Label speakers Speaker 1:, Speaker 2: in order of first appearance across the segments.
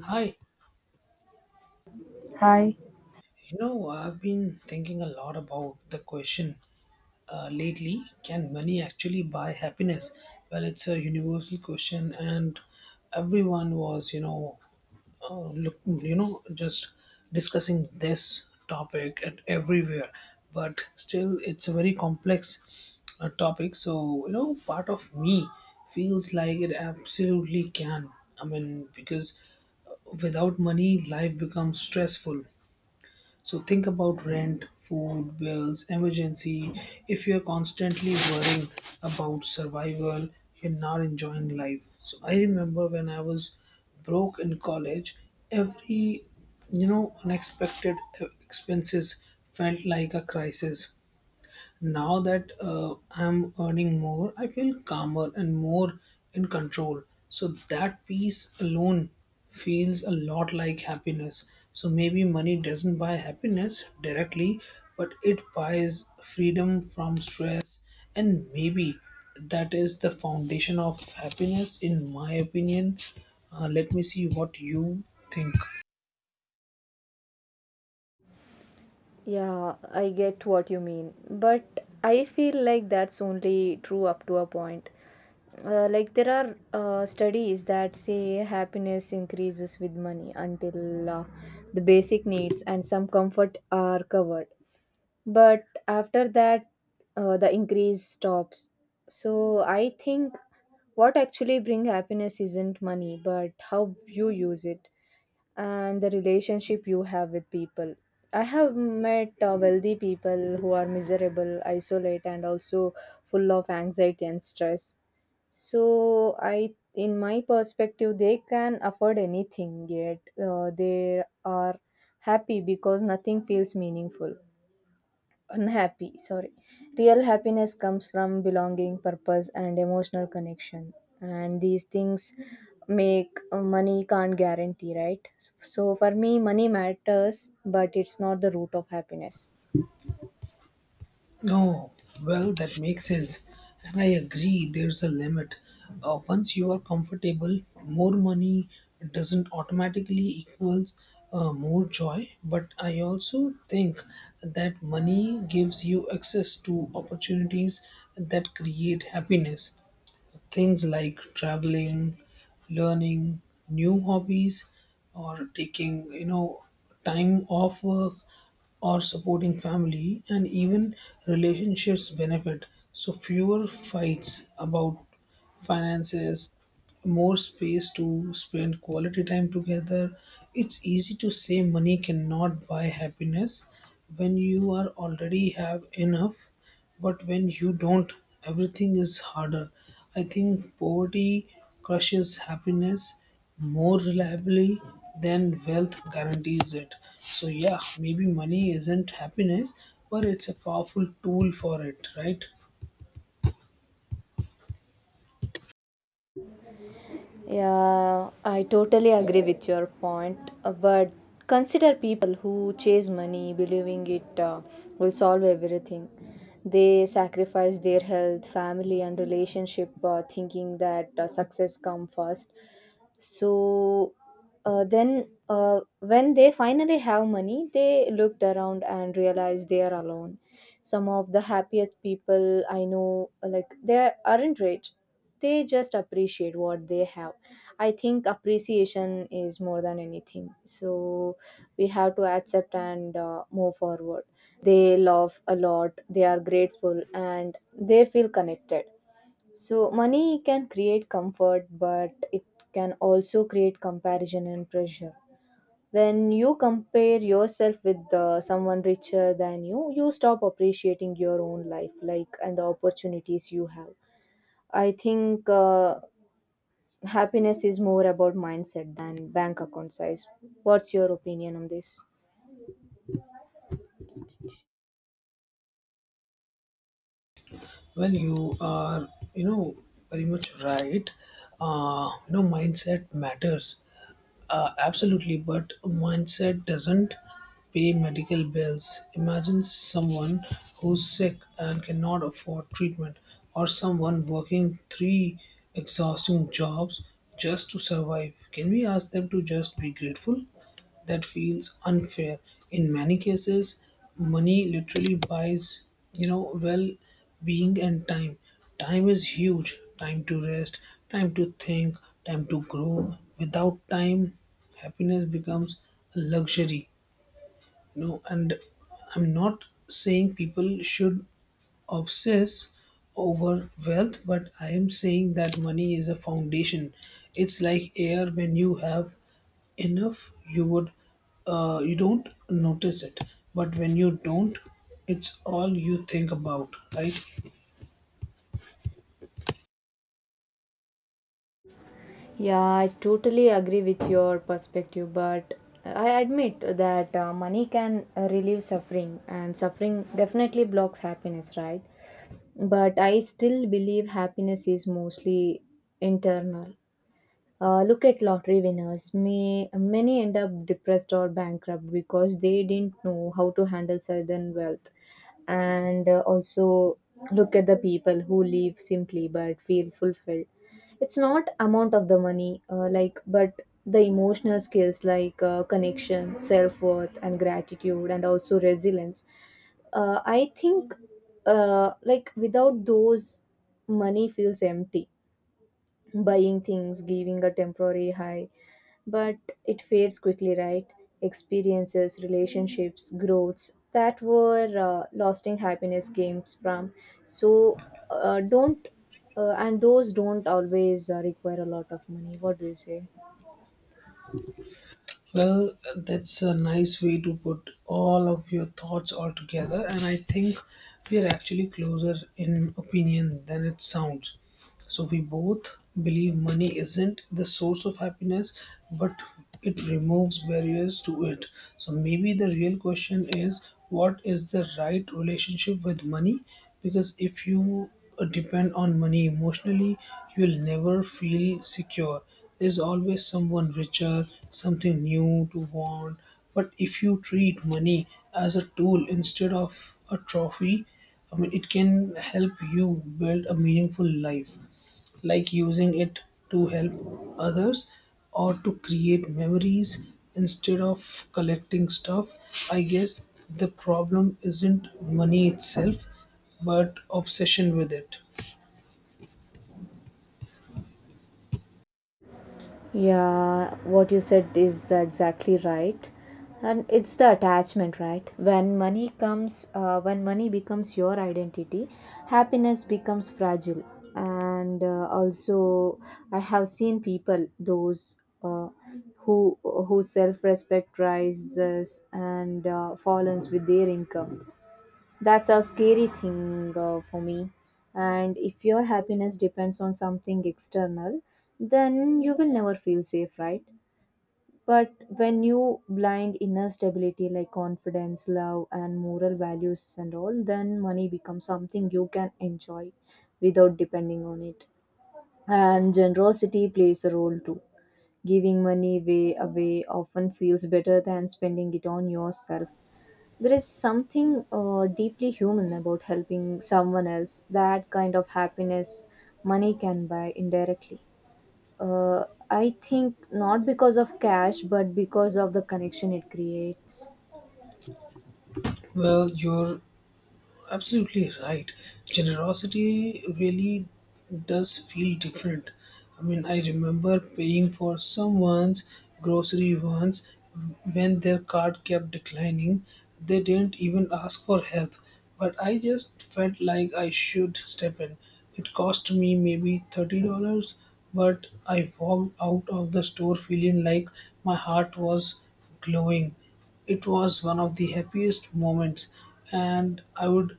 Speaker 1: Hi,
Speaker 2: Hi.
Speaker 1: I've been thinking a lot about the question lately. Can money actually buy happiness? Well, it's a universal question, and everyone was, just discussing this topic at everywhere, but still, it's a very complex topic. So, part of me feels like it absolutely can. I mean, because without money, life becomes stressful. So think about rent, food, bills, emergency. If you're constantly worrying about survival, you're not enjoying life. So I remember when I was broke in college, every unexpected expenses felt like a crisis. Now that I'm earning more, I feel calmer and more in control. So that peace alone feels a lot like happiness. So maybe money doesn't buy happiness directly, but it buys freedom from stress. And maybe that is the foundation of happiness, in my opinion. Let me see what you think.
Speaker 2: Yeah, I get what you mean, but I feel like that's only true up to a point. Like there are studies that say happiness increases with money until the basic needs and some comfort are covered. But after that, the increase stops. So I think what actually bring happiness isn't money, but how you use it. And the relationship you have with people. I have met wealthy people who are miserable, isolate, and also full of anxiety and stress. So in my perspective, they can afford anything yet they are happy because nothing feels meaningful. Unhappy, sorry. Real happiness comes from belonging, purpose, and emotional connection, and these things make, money can't guarantee, right? So for me, money matters, but it's not the root of happiness.
Speaker 1: Oh, well, that makes sense. And I agree, there's a limit. Once you are comfortable, more money doesn't automatically equals more joy. But I also think that money gives you access to opportunities that create happiness, things like traveling, learning new hobbies, or taking, time off work, or supporting family, and even relationships benefit. So fewer fights about finances, more space to spend quality time together. It's easy to say money cannot buy happiness when you are already have enough, but when you don't, everything is harder. I think poverty crushes happiness more reliably than wealth guarantees it. So, yeah, maybe money isn't happiness, but it's a powerful tool for it, right?
Speaker 2: Yeah, I totally agree with your point. But consider people who chase money, believing it will solve everything. They sacrifice their health, family, and relationship, thinking that success come first. So when they finally have money, they looked around and realized they are alone. Some of the happiest people I know, like they aren't rich; they just appreciate what they have. I think appreciation is more than anything. So we have to accept and move forward. They love a lot, they are grateful, and they feel connected. So money can create comfort, but it can also create comparison and pressure. When you compare yourself with someone richer than you, you stop appreciating your own life, like and the opportunities you have. I think happiness is more about mindset than bank account size. What's your opinion on this?
Speaker 1: Well, you are, you know, very much right. Mindset matters. Absolutely, but mindset doesn't pay medical bills. Imagine someone who's sick and cannot afford treatment, or someone working three exhausting jobs just to survive. Can we ask them to just be grateful? That feels unfair. In many cases, money literally buys, well being and time. Time is huge. Time to rest, time to think, time to grow. Without time, happiness becomes a luxury, and I'm not saying people should obsess over wealth, but I am saying that money is a foundation. It's like air. When you have enough, you would you don't notice it, but when you don't, it's all you think about, right?
Speaker 2: Yeah, I totally agree with your perspective, but I admit that money can relieve suffering, and suffering definitely blocks happiness, right? But I still believe happiness is mostly internal. Look at lottery winners. May many end up depressed or bankrupt because they didn't know how to handle sudden wealth. And also look at the people who live simply but feel fulfilled. It's not amount of the money, but the emotional skills, like connection, self-worth, and gratitude, and also resilience. I think like without those, money feels empty. Buying things giving a temporary high, but it fades quickly, right? Experiences, relationships, growths that were lasting happiness games from. So don't and those don't always require a lot of money. What do you say?
Speaker 1: Well, that's a nice way to put all of your thoughts all together, and I think we are actually closer in opinion than it sounds. So, we both believe money isn't the source of happiness, but it removes barriers to it. So, maybe the real question is, what is the right relationship with money? Because if you depend on money emotionally, you will never feel secure. There's always someone richer, something new to want. But if you treat money as a tool instead of a trophy, I mean, it can help you build a meaningful life, like using it to help others or to create memories instead of collecting stuff. I guess the problem isn't money itself, but obsession with it.
Speaker 2: Yeah, what you said is exactly right. And it's the attachment, right? When money becomes your identity, happiness becomes fragile. And also, I have seen people, those who whose self-respect rises and falls with their income. That's a scary thing for me. And if your happiness depends on something external, then you will never feel safe, right? But when you blind inner stability, like confidence, love, and moral values and all, then money becomes something you can enjoy without depending on it. And generosity plays a role too. Giving money way away often feels better than spending it on yourself. There is something deeply human about helping someone else. That kind of happiness money can buy indirectly. I think not because of cash, but because of the connection it creates.
Speaker 1: Well, you're absolutely right. Generosity really does feel different. I mean, I remember paying for someone's grocery once when their card kept declining. They didn't even ask for help, but I just felt like I should step in. It cost me maybe $30, but I walked out of the store feeling like my heart was glowing. It was one of the happiest moments, and I would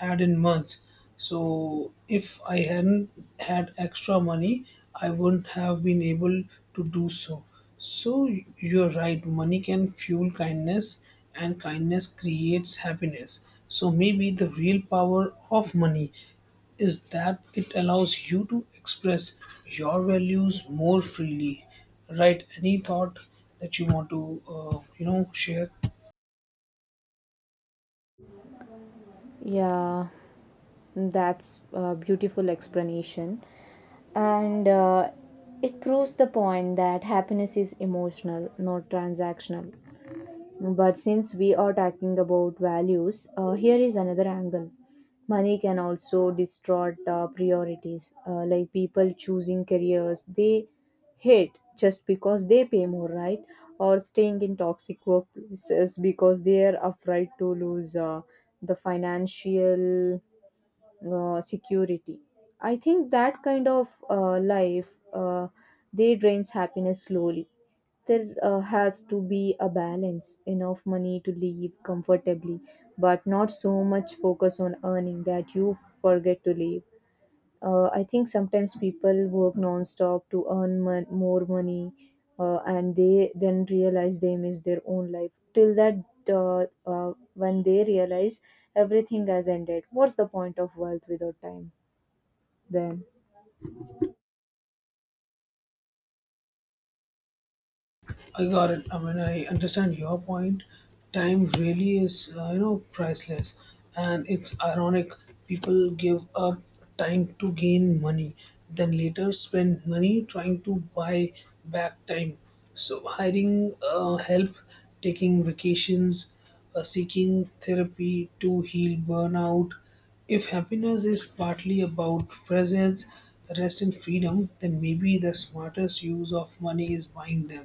Speaker 1: had in months. So if I hadn't had extra money, I wouldn't have been able to do so. So you're right. Money can fuel kindness, and kindness creates happiness. So maybe the real power of money is that it allows you to express your values more freely. Write any thought that you want to, share?
Speaker 2: Yeah, that's a beautiful explanation. And it proves the point that happiness is emotional, not transactional. But since we are talking about values, here is another angle. Money can also distort priorities, like people choosing careers they hate just because they pay more, right? Or staying in toxic workplaces because they are afraid to lose the financial security. I think that kind of life they drains happiness slowly. There has to be a balance, enough money to live comfortably but not so much focus on earning that you forget to live. I think sometimes people work non-stop to earn more money, and they then realize they miss their own life till that. When they realize everything has ended, what's the point of wealth without time? Then
Speaker 1: I got it. I mean, I understand your point. Time really is, priceless. And it's ironic, people give up time to gain money, then later spend money trying to buy back time. So, hiring help, taking vacations, seeking therapy to heal burnout, if happiness is partly about presence, rest, and freedom, then maybe the smartest use of money is buying them.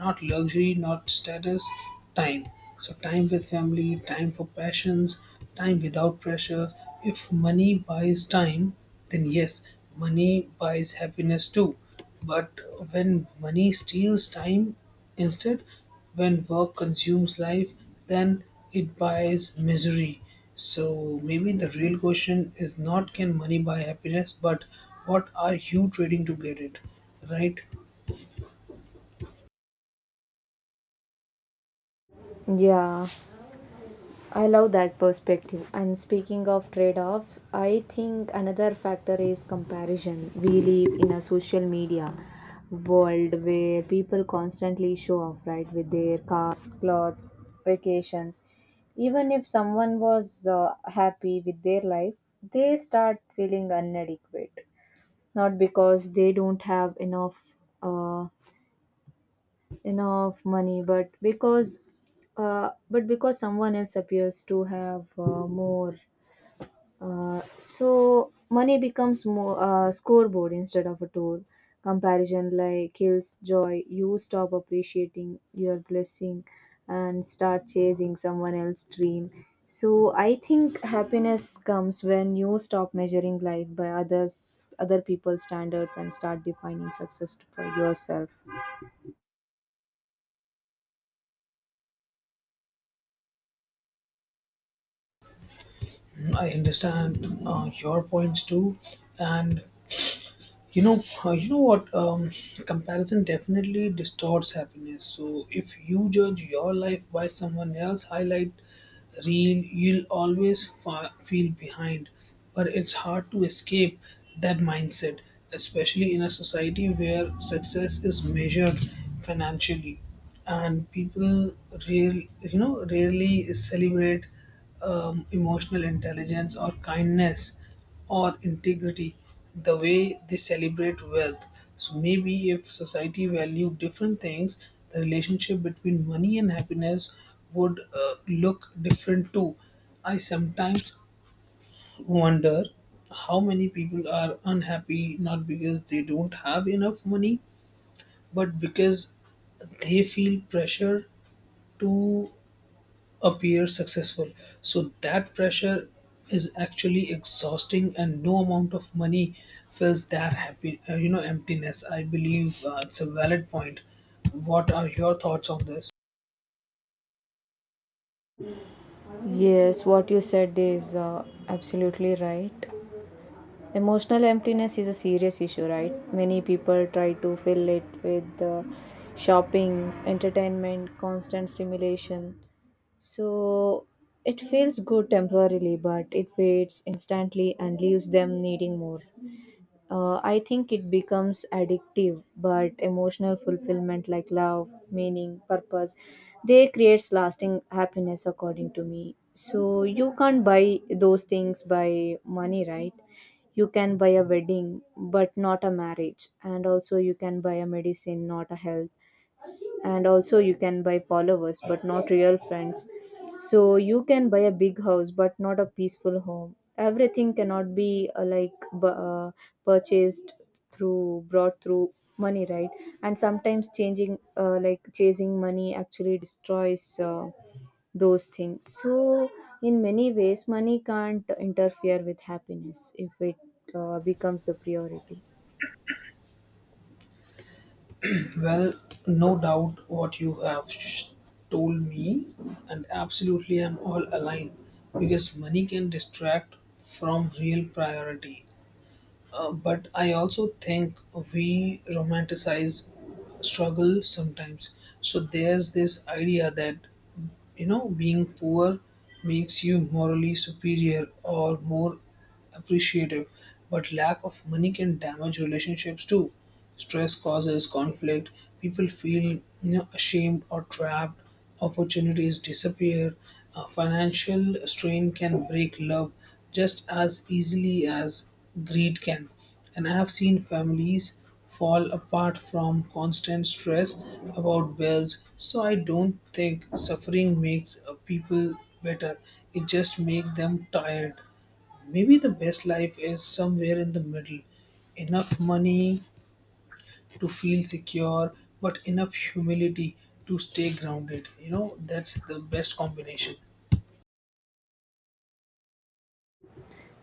Speaker 1: Not luxury, not status, time. So, time with family, time for passions, time without pressures. If money buys time, then yes, money buys happiness too. But when money steals time, instead, when work consumes life, then it buys misery. So maybe the real question is not can money buy happiness, but what are you trading to get it? Right?
Speaker 2: yeah, I love that perspective. And speaking of trade offs, I think another factor is comparison. We live in a social media world where people constantly show off, right, with their cars, clothes, vacations. Even if someone was happy with their life, they start feeling inadequate. Not because they don't have enough. Uh, Enough money, but because someone else appears to have more. So money becomes more scoreboard instead of a tool. Comparison like kills joy. You stop appreciating your blessing and start chasing someone else's dream. So I think happiness comes when you stop measuring life by other people's standards and start defining success for yourself.
Speaker 1: I understand your points too, and you know what comparison definitely distorts happiness. So if you judge your life by someone else highlight reel, you'll always feel behind, but it's hard to escape that mindset, especially in a society where success is measured financially and people real rarely celebrate emotional intelligence or kindness or integrity, the way they celebrate wealth. So maybe if society valued different things, the relationship between money and happiness would look different too. I sometimes wonder how many people are unhappy not because they don't have enough money, but because they feel pressure to appear successful. So that pressure is actually exhausting, and no amount of money fills that happy, emptiness. I believe it's a valid point. What are your thoughts on this?
Speaker 2: Yes, what you said is absolutely right. Emotional emptiness is a serious issue, right? Many people try to fill it with shopping, entertainment, constant stimulation. So it feels good temporarily, but it fades instantly and leaves them needing more. I think it becomes addictive, but emotional fulfillment like love, meaning, purpose, they creates lasting happiness according to me. So you can't buy those things by money, right? You can buy a wedding, but not a marriage, and also you can buy a medicine, not a health, and also you can buy followers, but not real friends. So you can buy a big house, but not a peaceful home. Everything cannot be, purchased through brought through money, right? And sometimes changing, chasing money actually destroys those things. So in many ways, money can't interfere with happiness if it becomes the priority.
Speaker 1: Well, no doubt what you have told me, and absolutely I'm all aligned because money can distract from real priority. But I also think we romanticize struggle sometimes. So there's this idea that being poor makes you morally superior or more appreciative, but lack of money can damage relationships too. Stress causes conflict, people feel ashamed or trapped, opportunities disappear. Financial strain can break love just as easily as greed can. And I have seen families fall apart from constant stress about bills. So I don't think suffering makes people better, it just makes them tired. Maybe the best life is somewhere in the middle, enough money to feel secure but enough humility to stay grounded, that's the best combination.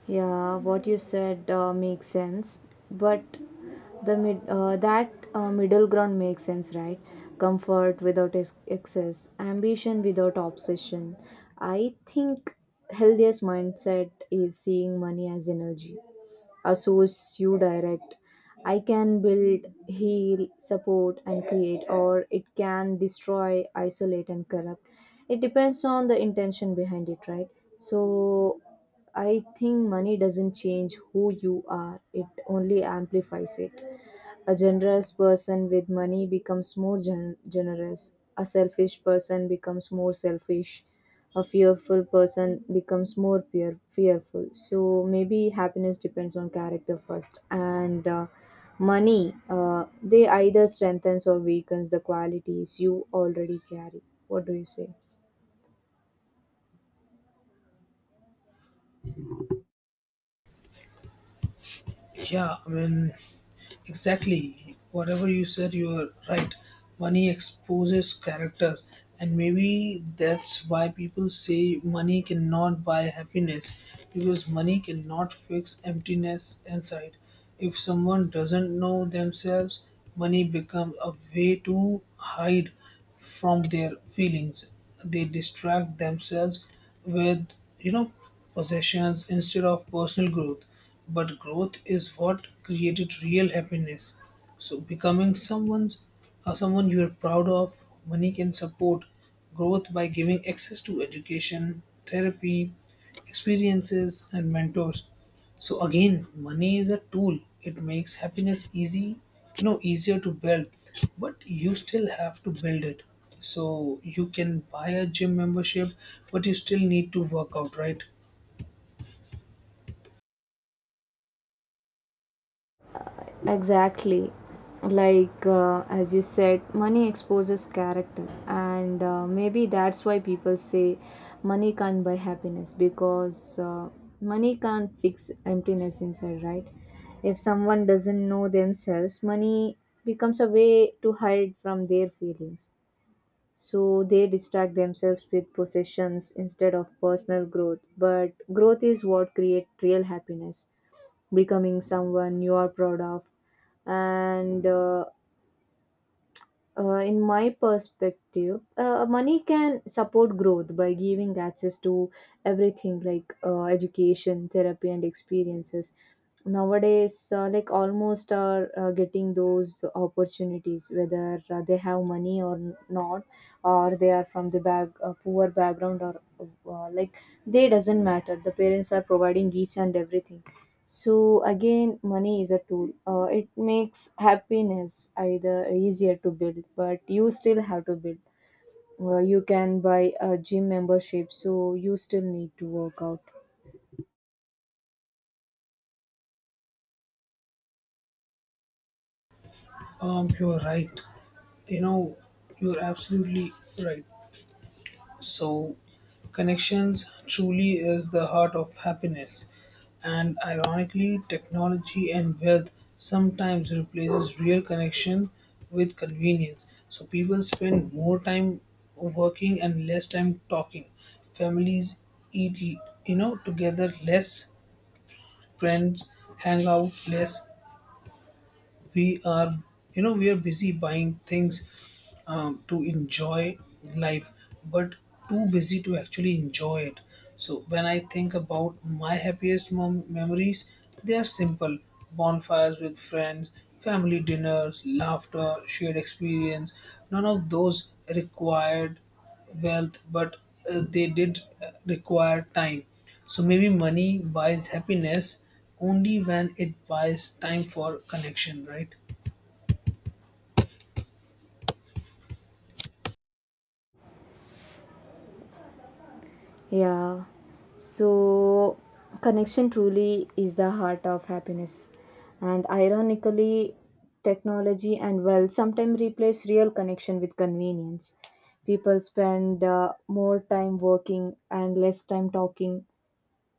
Speaker 2: Yeah, what you said makes sense, but the mid that middle ground makes sense, right? Comfort without excess, ambition without obsession. I think healthiest mindset is seeing money as energy associates you direct. I can build, heal, support, and create, or it can destroy, isolate, and corrupt. It depends on the intention behind it, right? So, I think money doesn't change who you are, it only amplifies it. A generous person with money becomes more generous. A selfish person becomes more selfish. A fearful person becomes more fearful. So maybe happiness depends on character first. And money, they either strengthens or weakens the qualities you already carry. What do you say?
Speaker 1: yeah i mean Exactly. Whatever you said, you are right. Money exposes characters, and maybe that's why people say money cannot buy happiness, because money cannot fix emptiness inside. If someone doesn't know themselves, money becomes a way to hide from their feelings. They distract themselves with, you know, possessions instead of personal growth. But growth is what created real happiness. So becoming someone's or someone you are proud of, money can support growth by giving access to education, therapy, experiences, and mentors. So again, money is a tool. It makes happiness easy, easier to build, but you still have to build it. So you can buy a gym membership, but you still need to work out, right?
Speaker 2: Exactly. Like, as you said, money exposes character, and maybe that's why people say money can't buy happiness because money can't fix emptiness inside, right? If someone doesn't know themselves, money becomes a way to hide from their feelings. So they distract themselves with possessions instead of personal growth. But growth is what creates real happiness, becoming someone you are proud of. And In my perspective, money can support growth by giving access to everything, like education, therapy, and experiences. Nowadays, like almost are getting those opportunities, whether they have money or not, or they are from the back poor background, or uh, like they doesn't matter, the parents are providing each and everything. So again, money is a tool. It makes happiness either easier to build, but you still have to build. You can buy a gym membership, so you still need to work out.
Speaker 1: You're right. You know, you're absolutely right. So, connections truly is the heart of happiness. And ironically, technology and wealth sometimes replaces real connection with convenience. So people spend more time working and less time talking. Families eat, together less. Friends hang out less. We are, we are busy buying things to enjoy life, but too busy to actually enjoy it. So when I think about my happiest memories, they are simple. Bonfires with friends, family dinners, laughter, shared experience. None of those required wealth, but they did require time. So maybe money buys happiness only when it buys time for connection, right?
Speaker 2: Yeah. So, connection truly is the heart of happiness. And ironically, technology and wealth sometimes replace real connection with convenience. People spend more time working and less time talking.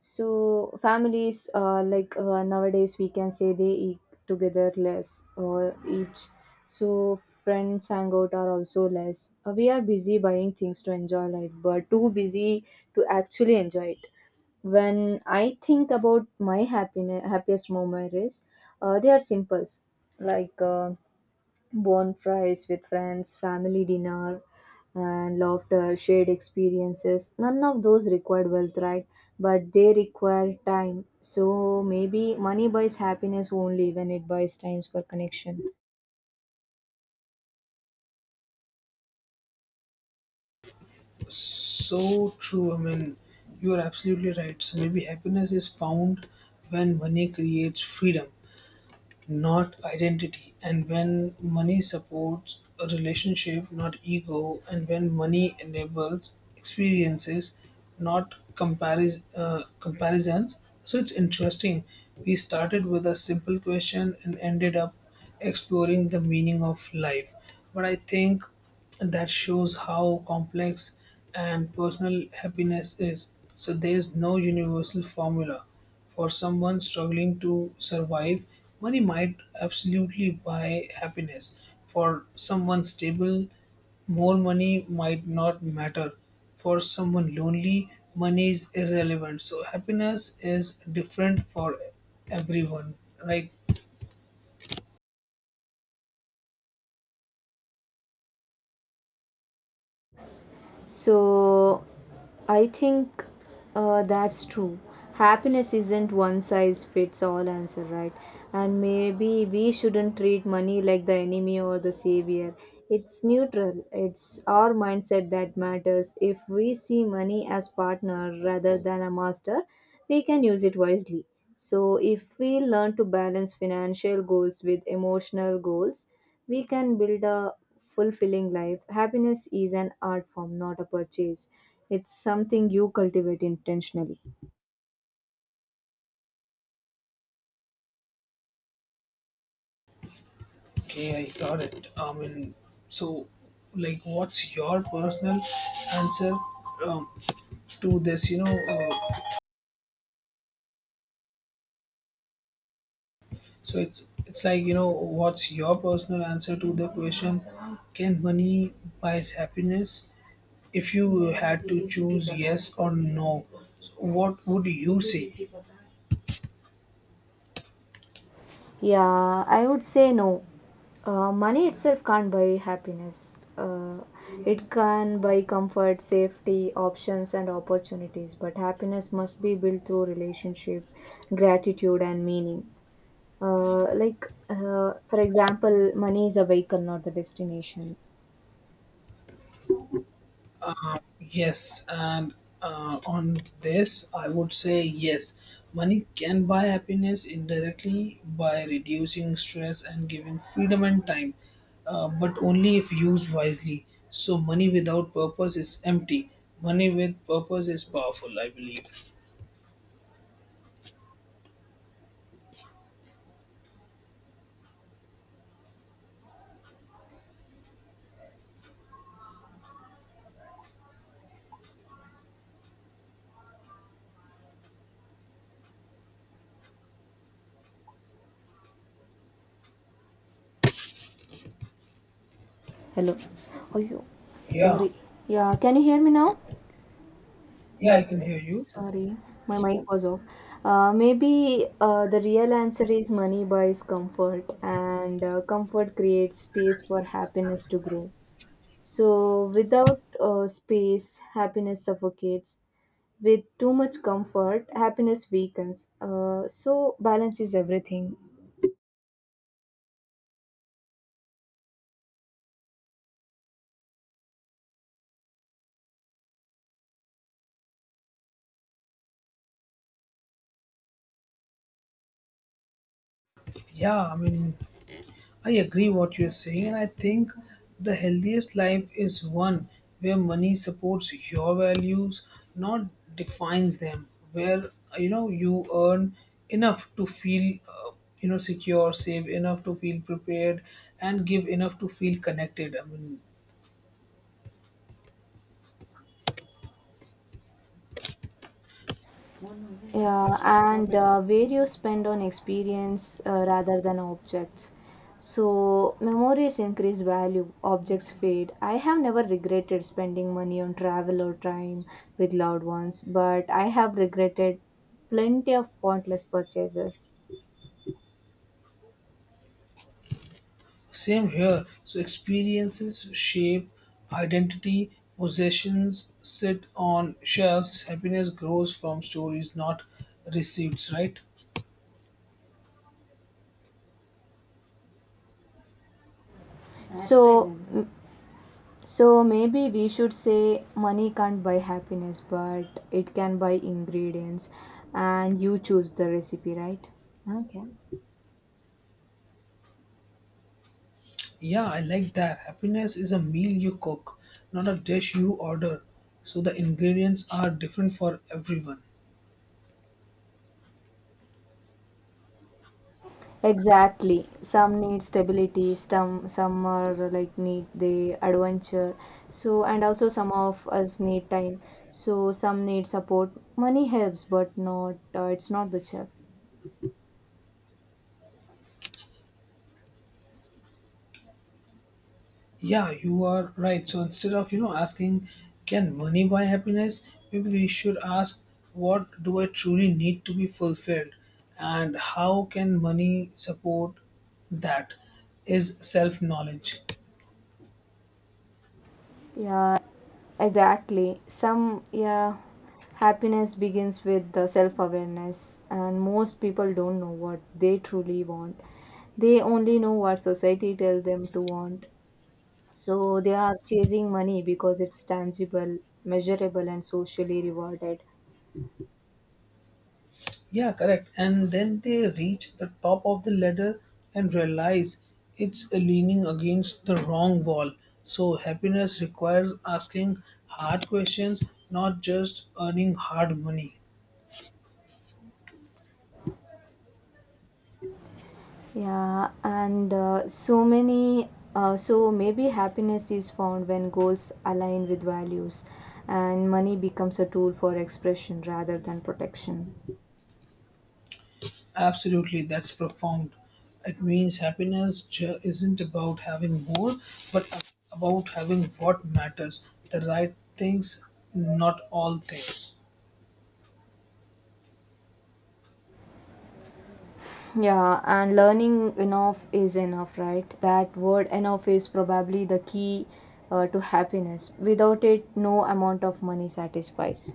Speaker 2: So families, nowadays, we can say they eat together less or each. So friends hang out are also less. We are busy buying things to enjoy life, but too busy to actually enjoy it. When I think about my happiest moment is, they are simples, like. Bond fries with friends, family dinner, and laughter, shared experiences. None of those required wealth, right? But they require time. So maybe money buys happiness only when it buys times for connection.
Speaker 1: So true. I mean, you are absolutely right. So maybe happiness is found when money creates freedom, not identity, and when money supports a relationship not ego, and when money enables experiences not comparisons. So it's interesting, we started with a simple question and ended up exploring the meaning of life. But I think that shows how complex and personal happiness is. So there's no universal formula. For someone struggling to survive, money might absolutely buy happiness. For someone stable, more money might not matter. For someone lonely, money is irrelevant. So happiness is different for everyone. Like,
Speaker 2: So I think that's true. Happiness isn't one size fits all answer, right? And maybe we shouldn't treat money like the enemy or the savior. It's neutral. It's our mindset that matters. If we see money as partner rather than a master, we can use it wisely. So if we learn to balance financial goals with emotional goals, we can build a fulfilling life. Happiness is an art form, not a purchase. It's something you cultivate intentionally.
Speaker 1: okay, I got it. I mean, so like, what's your personal answer um, to this? You know, so it's like you know what's your personal answer to the question? Can money buys happiness? If you had to choose yes or no, so what would you say?
Speaker 2: Yeah, I would say no. Money itself can't buy happiness. It can buy comfort, safety, options, and opportunities. But happiness must be built through relationship, gratitude, and meaning. For example, money is a vehicle, not the destination.
Speaker 1: Yes, and on this, I would say yes. Money can buy happiness indirectly by reducing stress and giving freedom and time, but only if used wisely. So, money without purpose is empty. Money with purpose is powerful, I believe.
Speaker 2: Hello. Oh, you.
Speaker 1: Yeah,
Speaker 2: Sorry. Yeah, can you hear me now?
Speaker 1: yeah, I can hear you.
Speaker 2: Sorry, my mic was off. Maybe the real answer is money buys comfort, and comfort creates space for happiness to grow. So, without space, happiness suffocates. With too much comfort, happiness weakens. So, balance is everything.
Speaker 1: Yeah, I mean, I agree what you're saying, and I think the healthiest life is one where money supports your values, not defines them. Where you earn enough to feel, secure, save enough to feel prepared, and give enough to feel connected.
Speaker 2: Yeah, and where you spend on experience rather than objects. So, memories increase value, objects fade. I have never regretted spending money on travel or time with loved ones, but I have regretted plenty of pointless purchases.
Speaker 1: Same here. So experiences shape identity, possessions sit on shelves, happiness grows from stories, not receipts, right?
Speaker 2: So, so maybe we should say money can't buy happiness, but it can buy ingredients, and you choose the recipe, right?
Speaker 1: Yeah, I like that. Happiness is a meal you cook, not a dish you order. So the ingredients are different for everyone.
Speaker 2: Exactly. Some need stability, some are like need the adventure. So and also some of us need time. So some need support. Money helps, but not it's not the chef.
Speaker 1: Yeah, you are right. So instead of asking, can money buy happiness? Maybe we should ask, what do I truly need to be fulfilled, and how can money support that? Is self knowledge.
Speaker 2: Yeah, exactly. Some yeah, happiness begins with the self-awareness, and most people don't know what they truly want. They only know what society tells them to want. So they are chasing money because it's tangible, measurable, and socially rewarded.
Speaker 1: Yeah, correct. And then they reach the top of the ladder and realize it's leaning against the wrong wall. So happiness requires asking hard questions, not just earning hard money.
Speaker 2: Yeah, and so many. So maybe happiness is found when goals align with values, and money becomes a tool for expression rather than protection.
Speaker 1: Absolutely, that's profound. It means happiness isn't about having more, but about having what matters, the right things, not all things.
Speaker 2: Yeah, and learning enough is enough, right? That word enough is probably the key to happiness. Without it, no amount of money satisfies.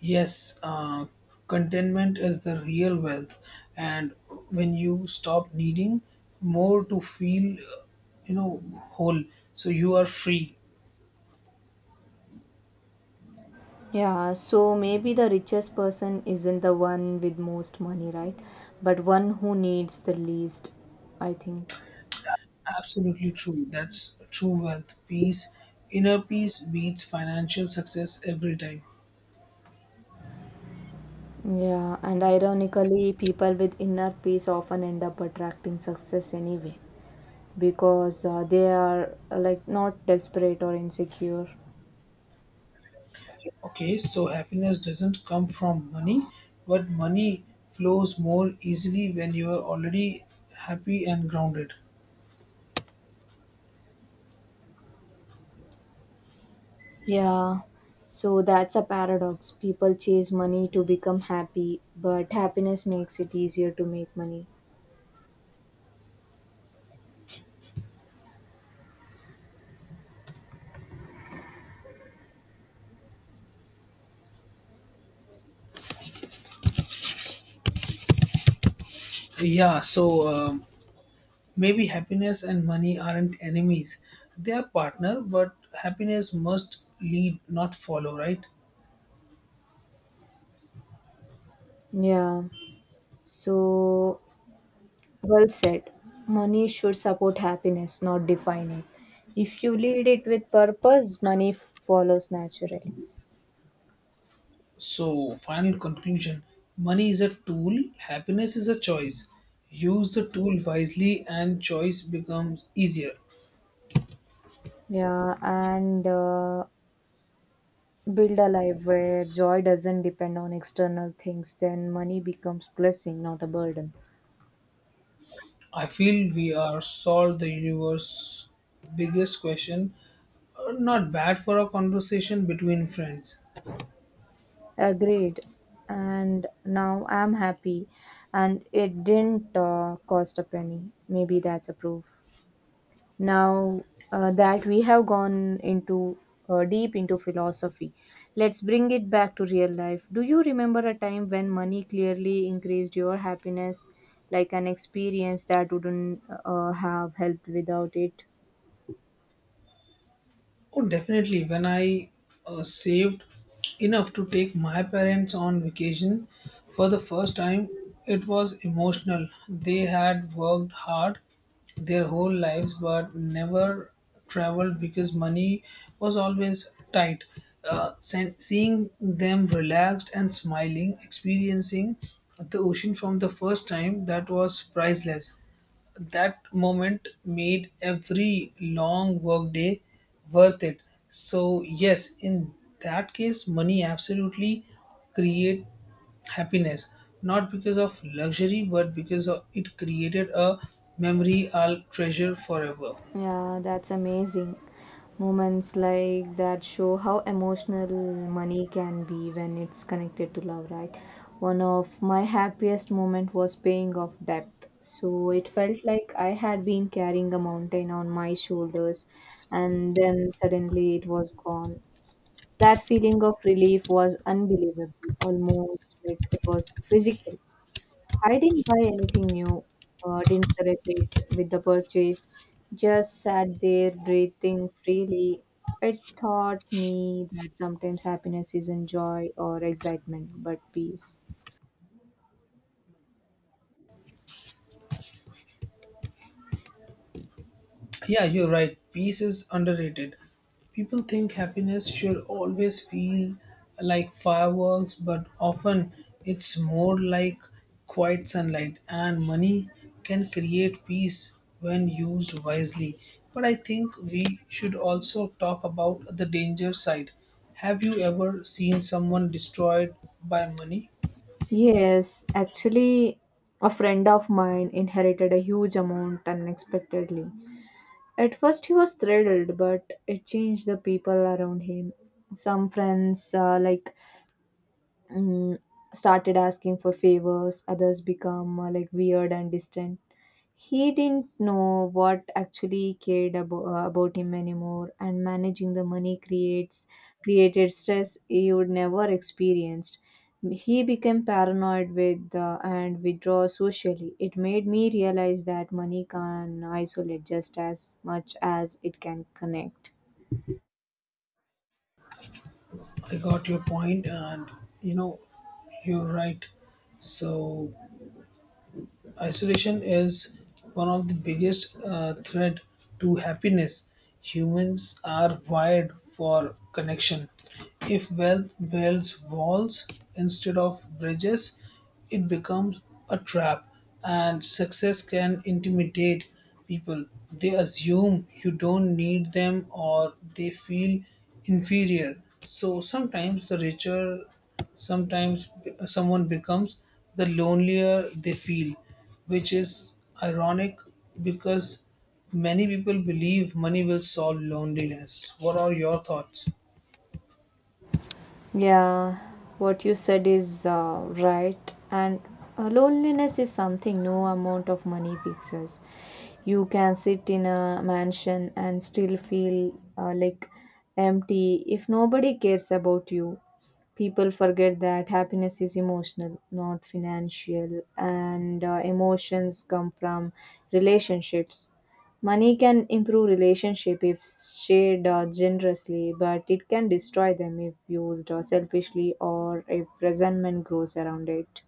Speaker 1: Yes, contentment is the real wealth, and when you stop needing more to feel, you know, whole, so you are free.
Speaker 2: Yeah, so maybe the richest person isn't the one with most money, right? But one who needs the least, I think.
Speaker 1: Absolutely true. That's true wealth. Peace, inner peace beats financial success every time.
Speaker 2: Yeah, and ironically, people with inner peace often end up attracting success anyway because they are like not desperate or insecure.
Speaker 1: Okay, so happiness doesn't come from money, but money flows more easily when you are already happy and grounded.
Speaker 2: Yeah, so that's a paradox. People chase money to become happy, but happiness makes it easier to make money.
Speaker 1: Yeah, so um, maybe happiness and money aren't enemies. They are partner, but happiness must lead, not follow, right?
Speaker 2: Yeah. So well said. Money should support happiness, not define it. If you lead it with purpose, money follows naturally.
Speaker 1: So, final conclusion, money is a tool, happiness is a choice. Use the tool wisely, and choice becomes easier.
Speaker 2: Yeah, and build a life where joy doesn't depend on external things, then money becomes blessing, not a burden.
Speaker 1: I feel we are solved the universe's biggest question. Not bad for a conversation between friends.
Speaker 2: Agreed. And now I'm happy, and it didn't cost a penny. Maybe that's a proof. Now that we have gone into deep into philosophy, let's bring it back to real life. Do you remember a time when money clearly increased your happiness, like an experience that wouldn't have helped without it?
Speaker 1: Oh, definitely. When I saved enough to take my parents on vacation for the first time, it was emotional. They had worked hard their whole lives but never traveled because money was always tight. Seeing them relaxed and smiling, experiencing the ocean from the first time, that was priceless. That moment made every long workday worth it. So yes, in that case, money absolutely create happiness, not because of luxury, but because of, it created a memory I'll treasure forever.
Speaker 2: Yeah, that's amazing. Moments like that show how emotional money can be when it's connected to love, right? One of my happiest moment was paying off debt. So it felt like I had been carrying a mountain on my shoulders and then suddenly it was gone. That feeling of relief was unbelievable, almost like it was physical. I didn't buy anything new, didn't celebrate with the purchase, just sat there breathing freely. It taught me that sometimes happiness isn't joy or excitement, but peace.
Speaker 1: Yeah, you're right. Peace is underrated. People think happiness should always feel like fireworks, but often it's more like quiet sunlight. And money can create peace when used wisely. But I think we should also talk about the danger side. Have you ever seen someone destroyed by money?
Speaker 2: Yes, actually, a friend of mine inherited a huge amount unexpectedly. At first, he was thrilled, but it changed the people around him. Some friends, mm, started asking for favors, others become like weird and distant. He didn't know what actually cared about him anymore, and managing the money creates created stress he would never experienced. He became paranoid with and withdraw socially. It made me realize that money can isolate just as much as it can connect.
Speaker 1: I got your point, and you know, you're right. So isolation is one of the biggest threat to happiness. Humans are wired for connection. If wealth builds walls instead of bridges, it becomes a trap, and success can intimidate people. They assume you don't need them or they feel inferior. So sometimes someone becomes, the lonelier they feel, which is ironic, because many people believe money will solve loneliness. What are your thoughts?
Speaker 2: Yeah, what you said is right. And loneliness is something no amount of money fixes. You can sit in a mansion and still feel like empty if nobody cares about you. People forget that happiness is emotional, not financial, and emotions come from relationships. Money can improve relationship if shared generously, but it can destroy them if used selfishly or if resentment grows around it.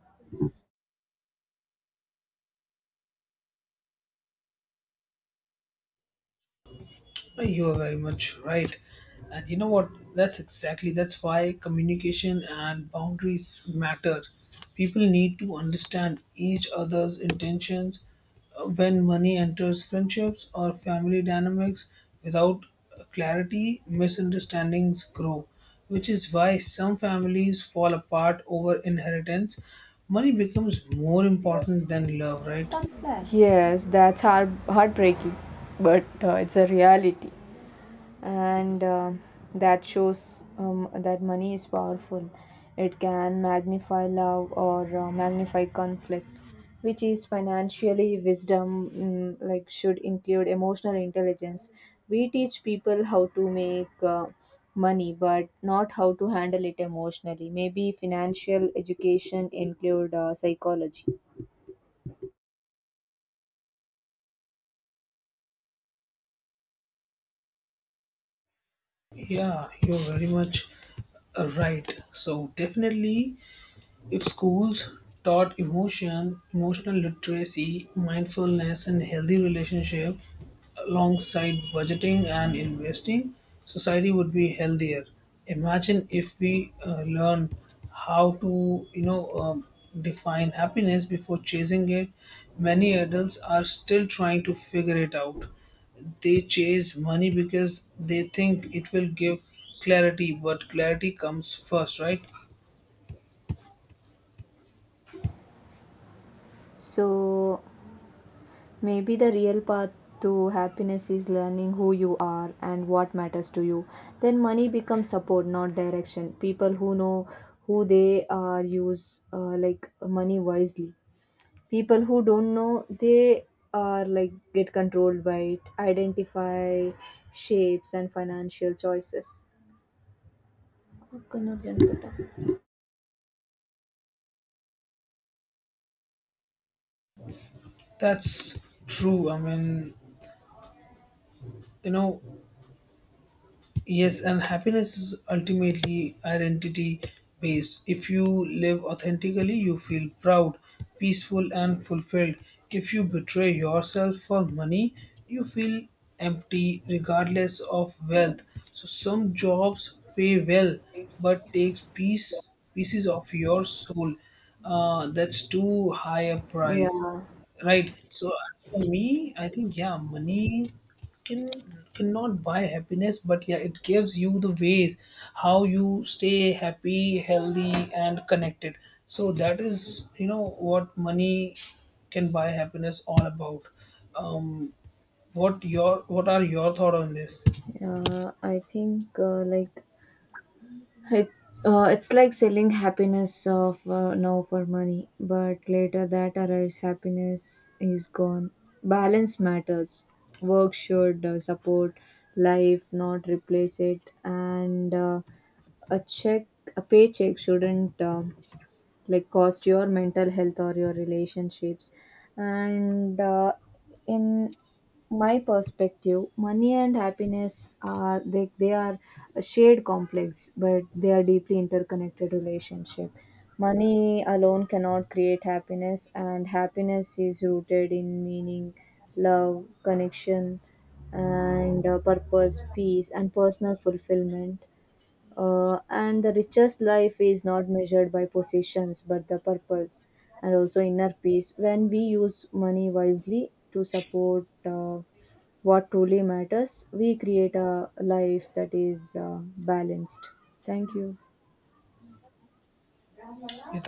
Speaker 1: You are very much right. And you know what? That's why communication and boundaries matter. People need to understand each other's intentions when money enters friendships or family dynamics without clarity, misunderstandings grow, which is why some families fall apart over inheritance. Money becomes more important than love, right?
Speaker 2: Yes, heartbreaking, but it's a reality. And that money is powerful. It can magnify love or magnify conflict, which is financially wisdom, like should include emotional intelligence. We teach people how to make money, but not how to handle it emotionally. Maybe financial education include psychology.
Speaker 1: Yeah, you're very much right. So, definitely, if schools taught emotion, emotional literacy, mindfulness, and healthy relationship alongside budgeting and investing, society would be healthier. Imagine if we learn how to, define happiness before chasing it. Many adults are still trying to figure it out. They chase money because they think it will give clarity, but clarity comes first, right?
Speaker 2: So maybe the real path to happiness is learning who you are and what matters to you. Then money becomes support, not direction. People who know who they are use like money wisely. People who don't know they are like get controlled by it, identify shapes and financial choices. Kunur
Speaker 1: That's true. You know, Yes, and happiness is ultimately identity based. If you live authentically, you feel proud, peaceful, and fulfilled. If you betray yourself for money, you feel empty regardless of wealth. So some jobs pay well but takes pieces of your soul. That's too high a price.
Speaker 2: yeah,
Speaker 1: Right. So as for me, I think yeah, money can cannot buy happiness, but yeah, it gives you the ways how you stay happy, healthy, and connected. So that is, you know what money can buy happiness all about. What are your thoughts on this?
Speaker 2: I think like it, it's like selling happiness of now for money, but later that arrives, happiness is gone. Balance matters. Work should support life, not replace it. And a check, a paycheck shouldn't like cost your mental health or your relationships. And in my perspective, money and happiness are they are a shared complex, but they are deeply interconnected relationship. Money alone cannot create happiness, and happiness is rooted in meaning, love, connection, and purpose, peace, and personal fulfillment. And the richest life is not measured by possessions but the purpose and also inner peace. When we use money wisely to support what truly matters, we create a life that is balanced. Thank you.
Speaker 1: Yeah,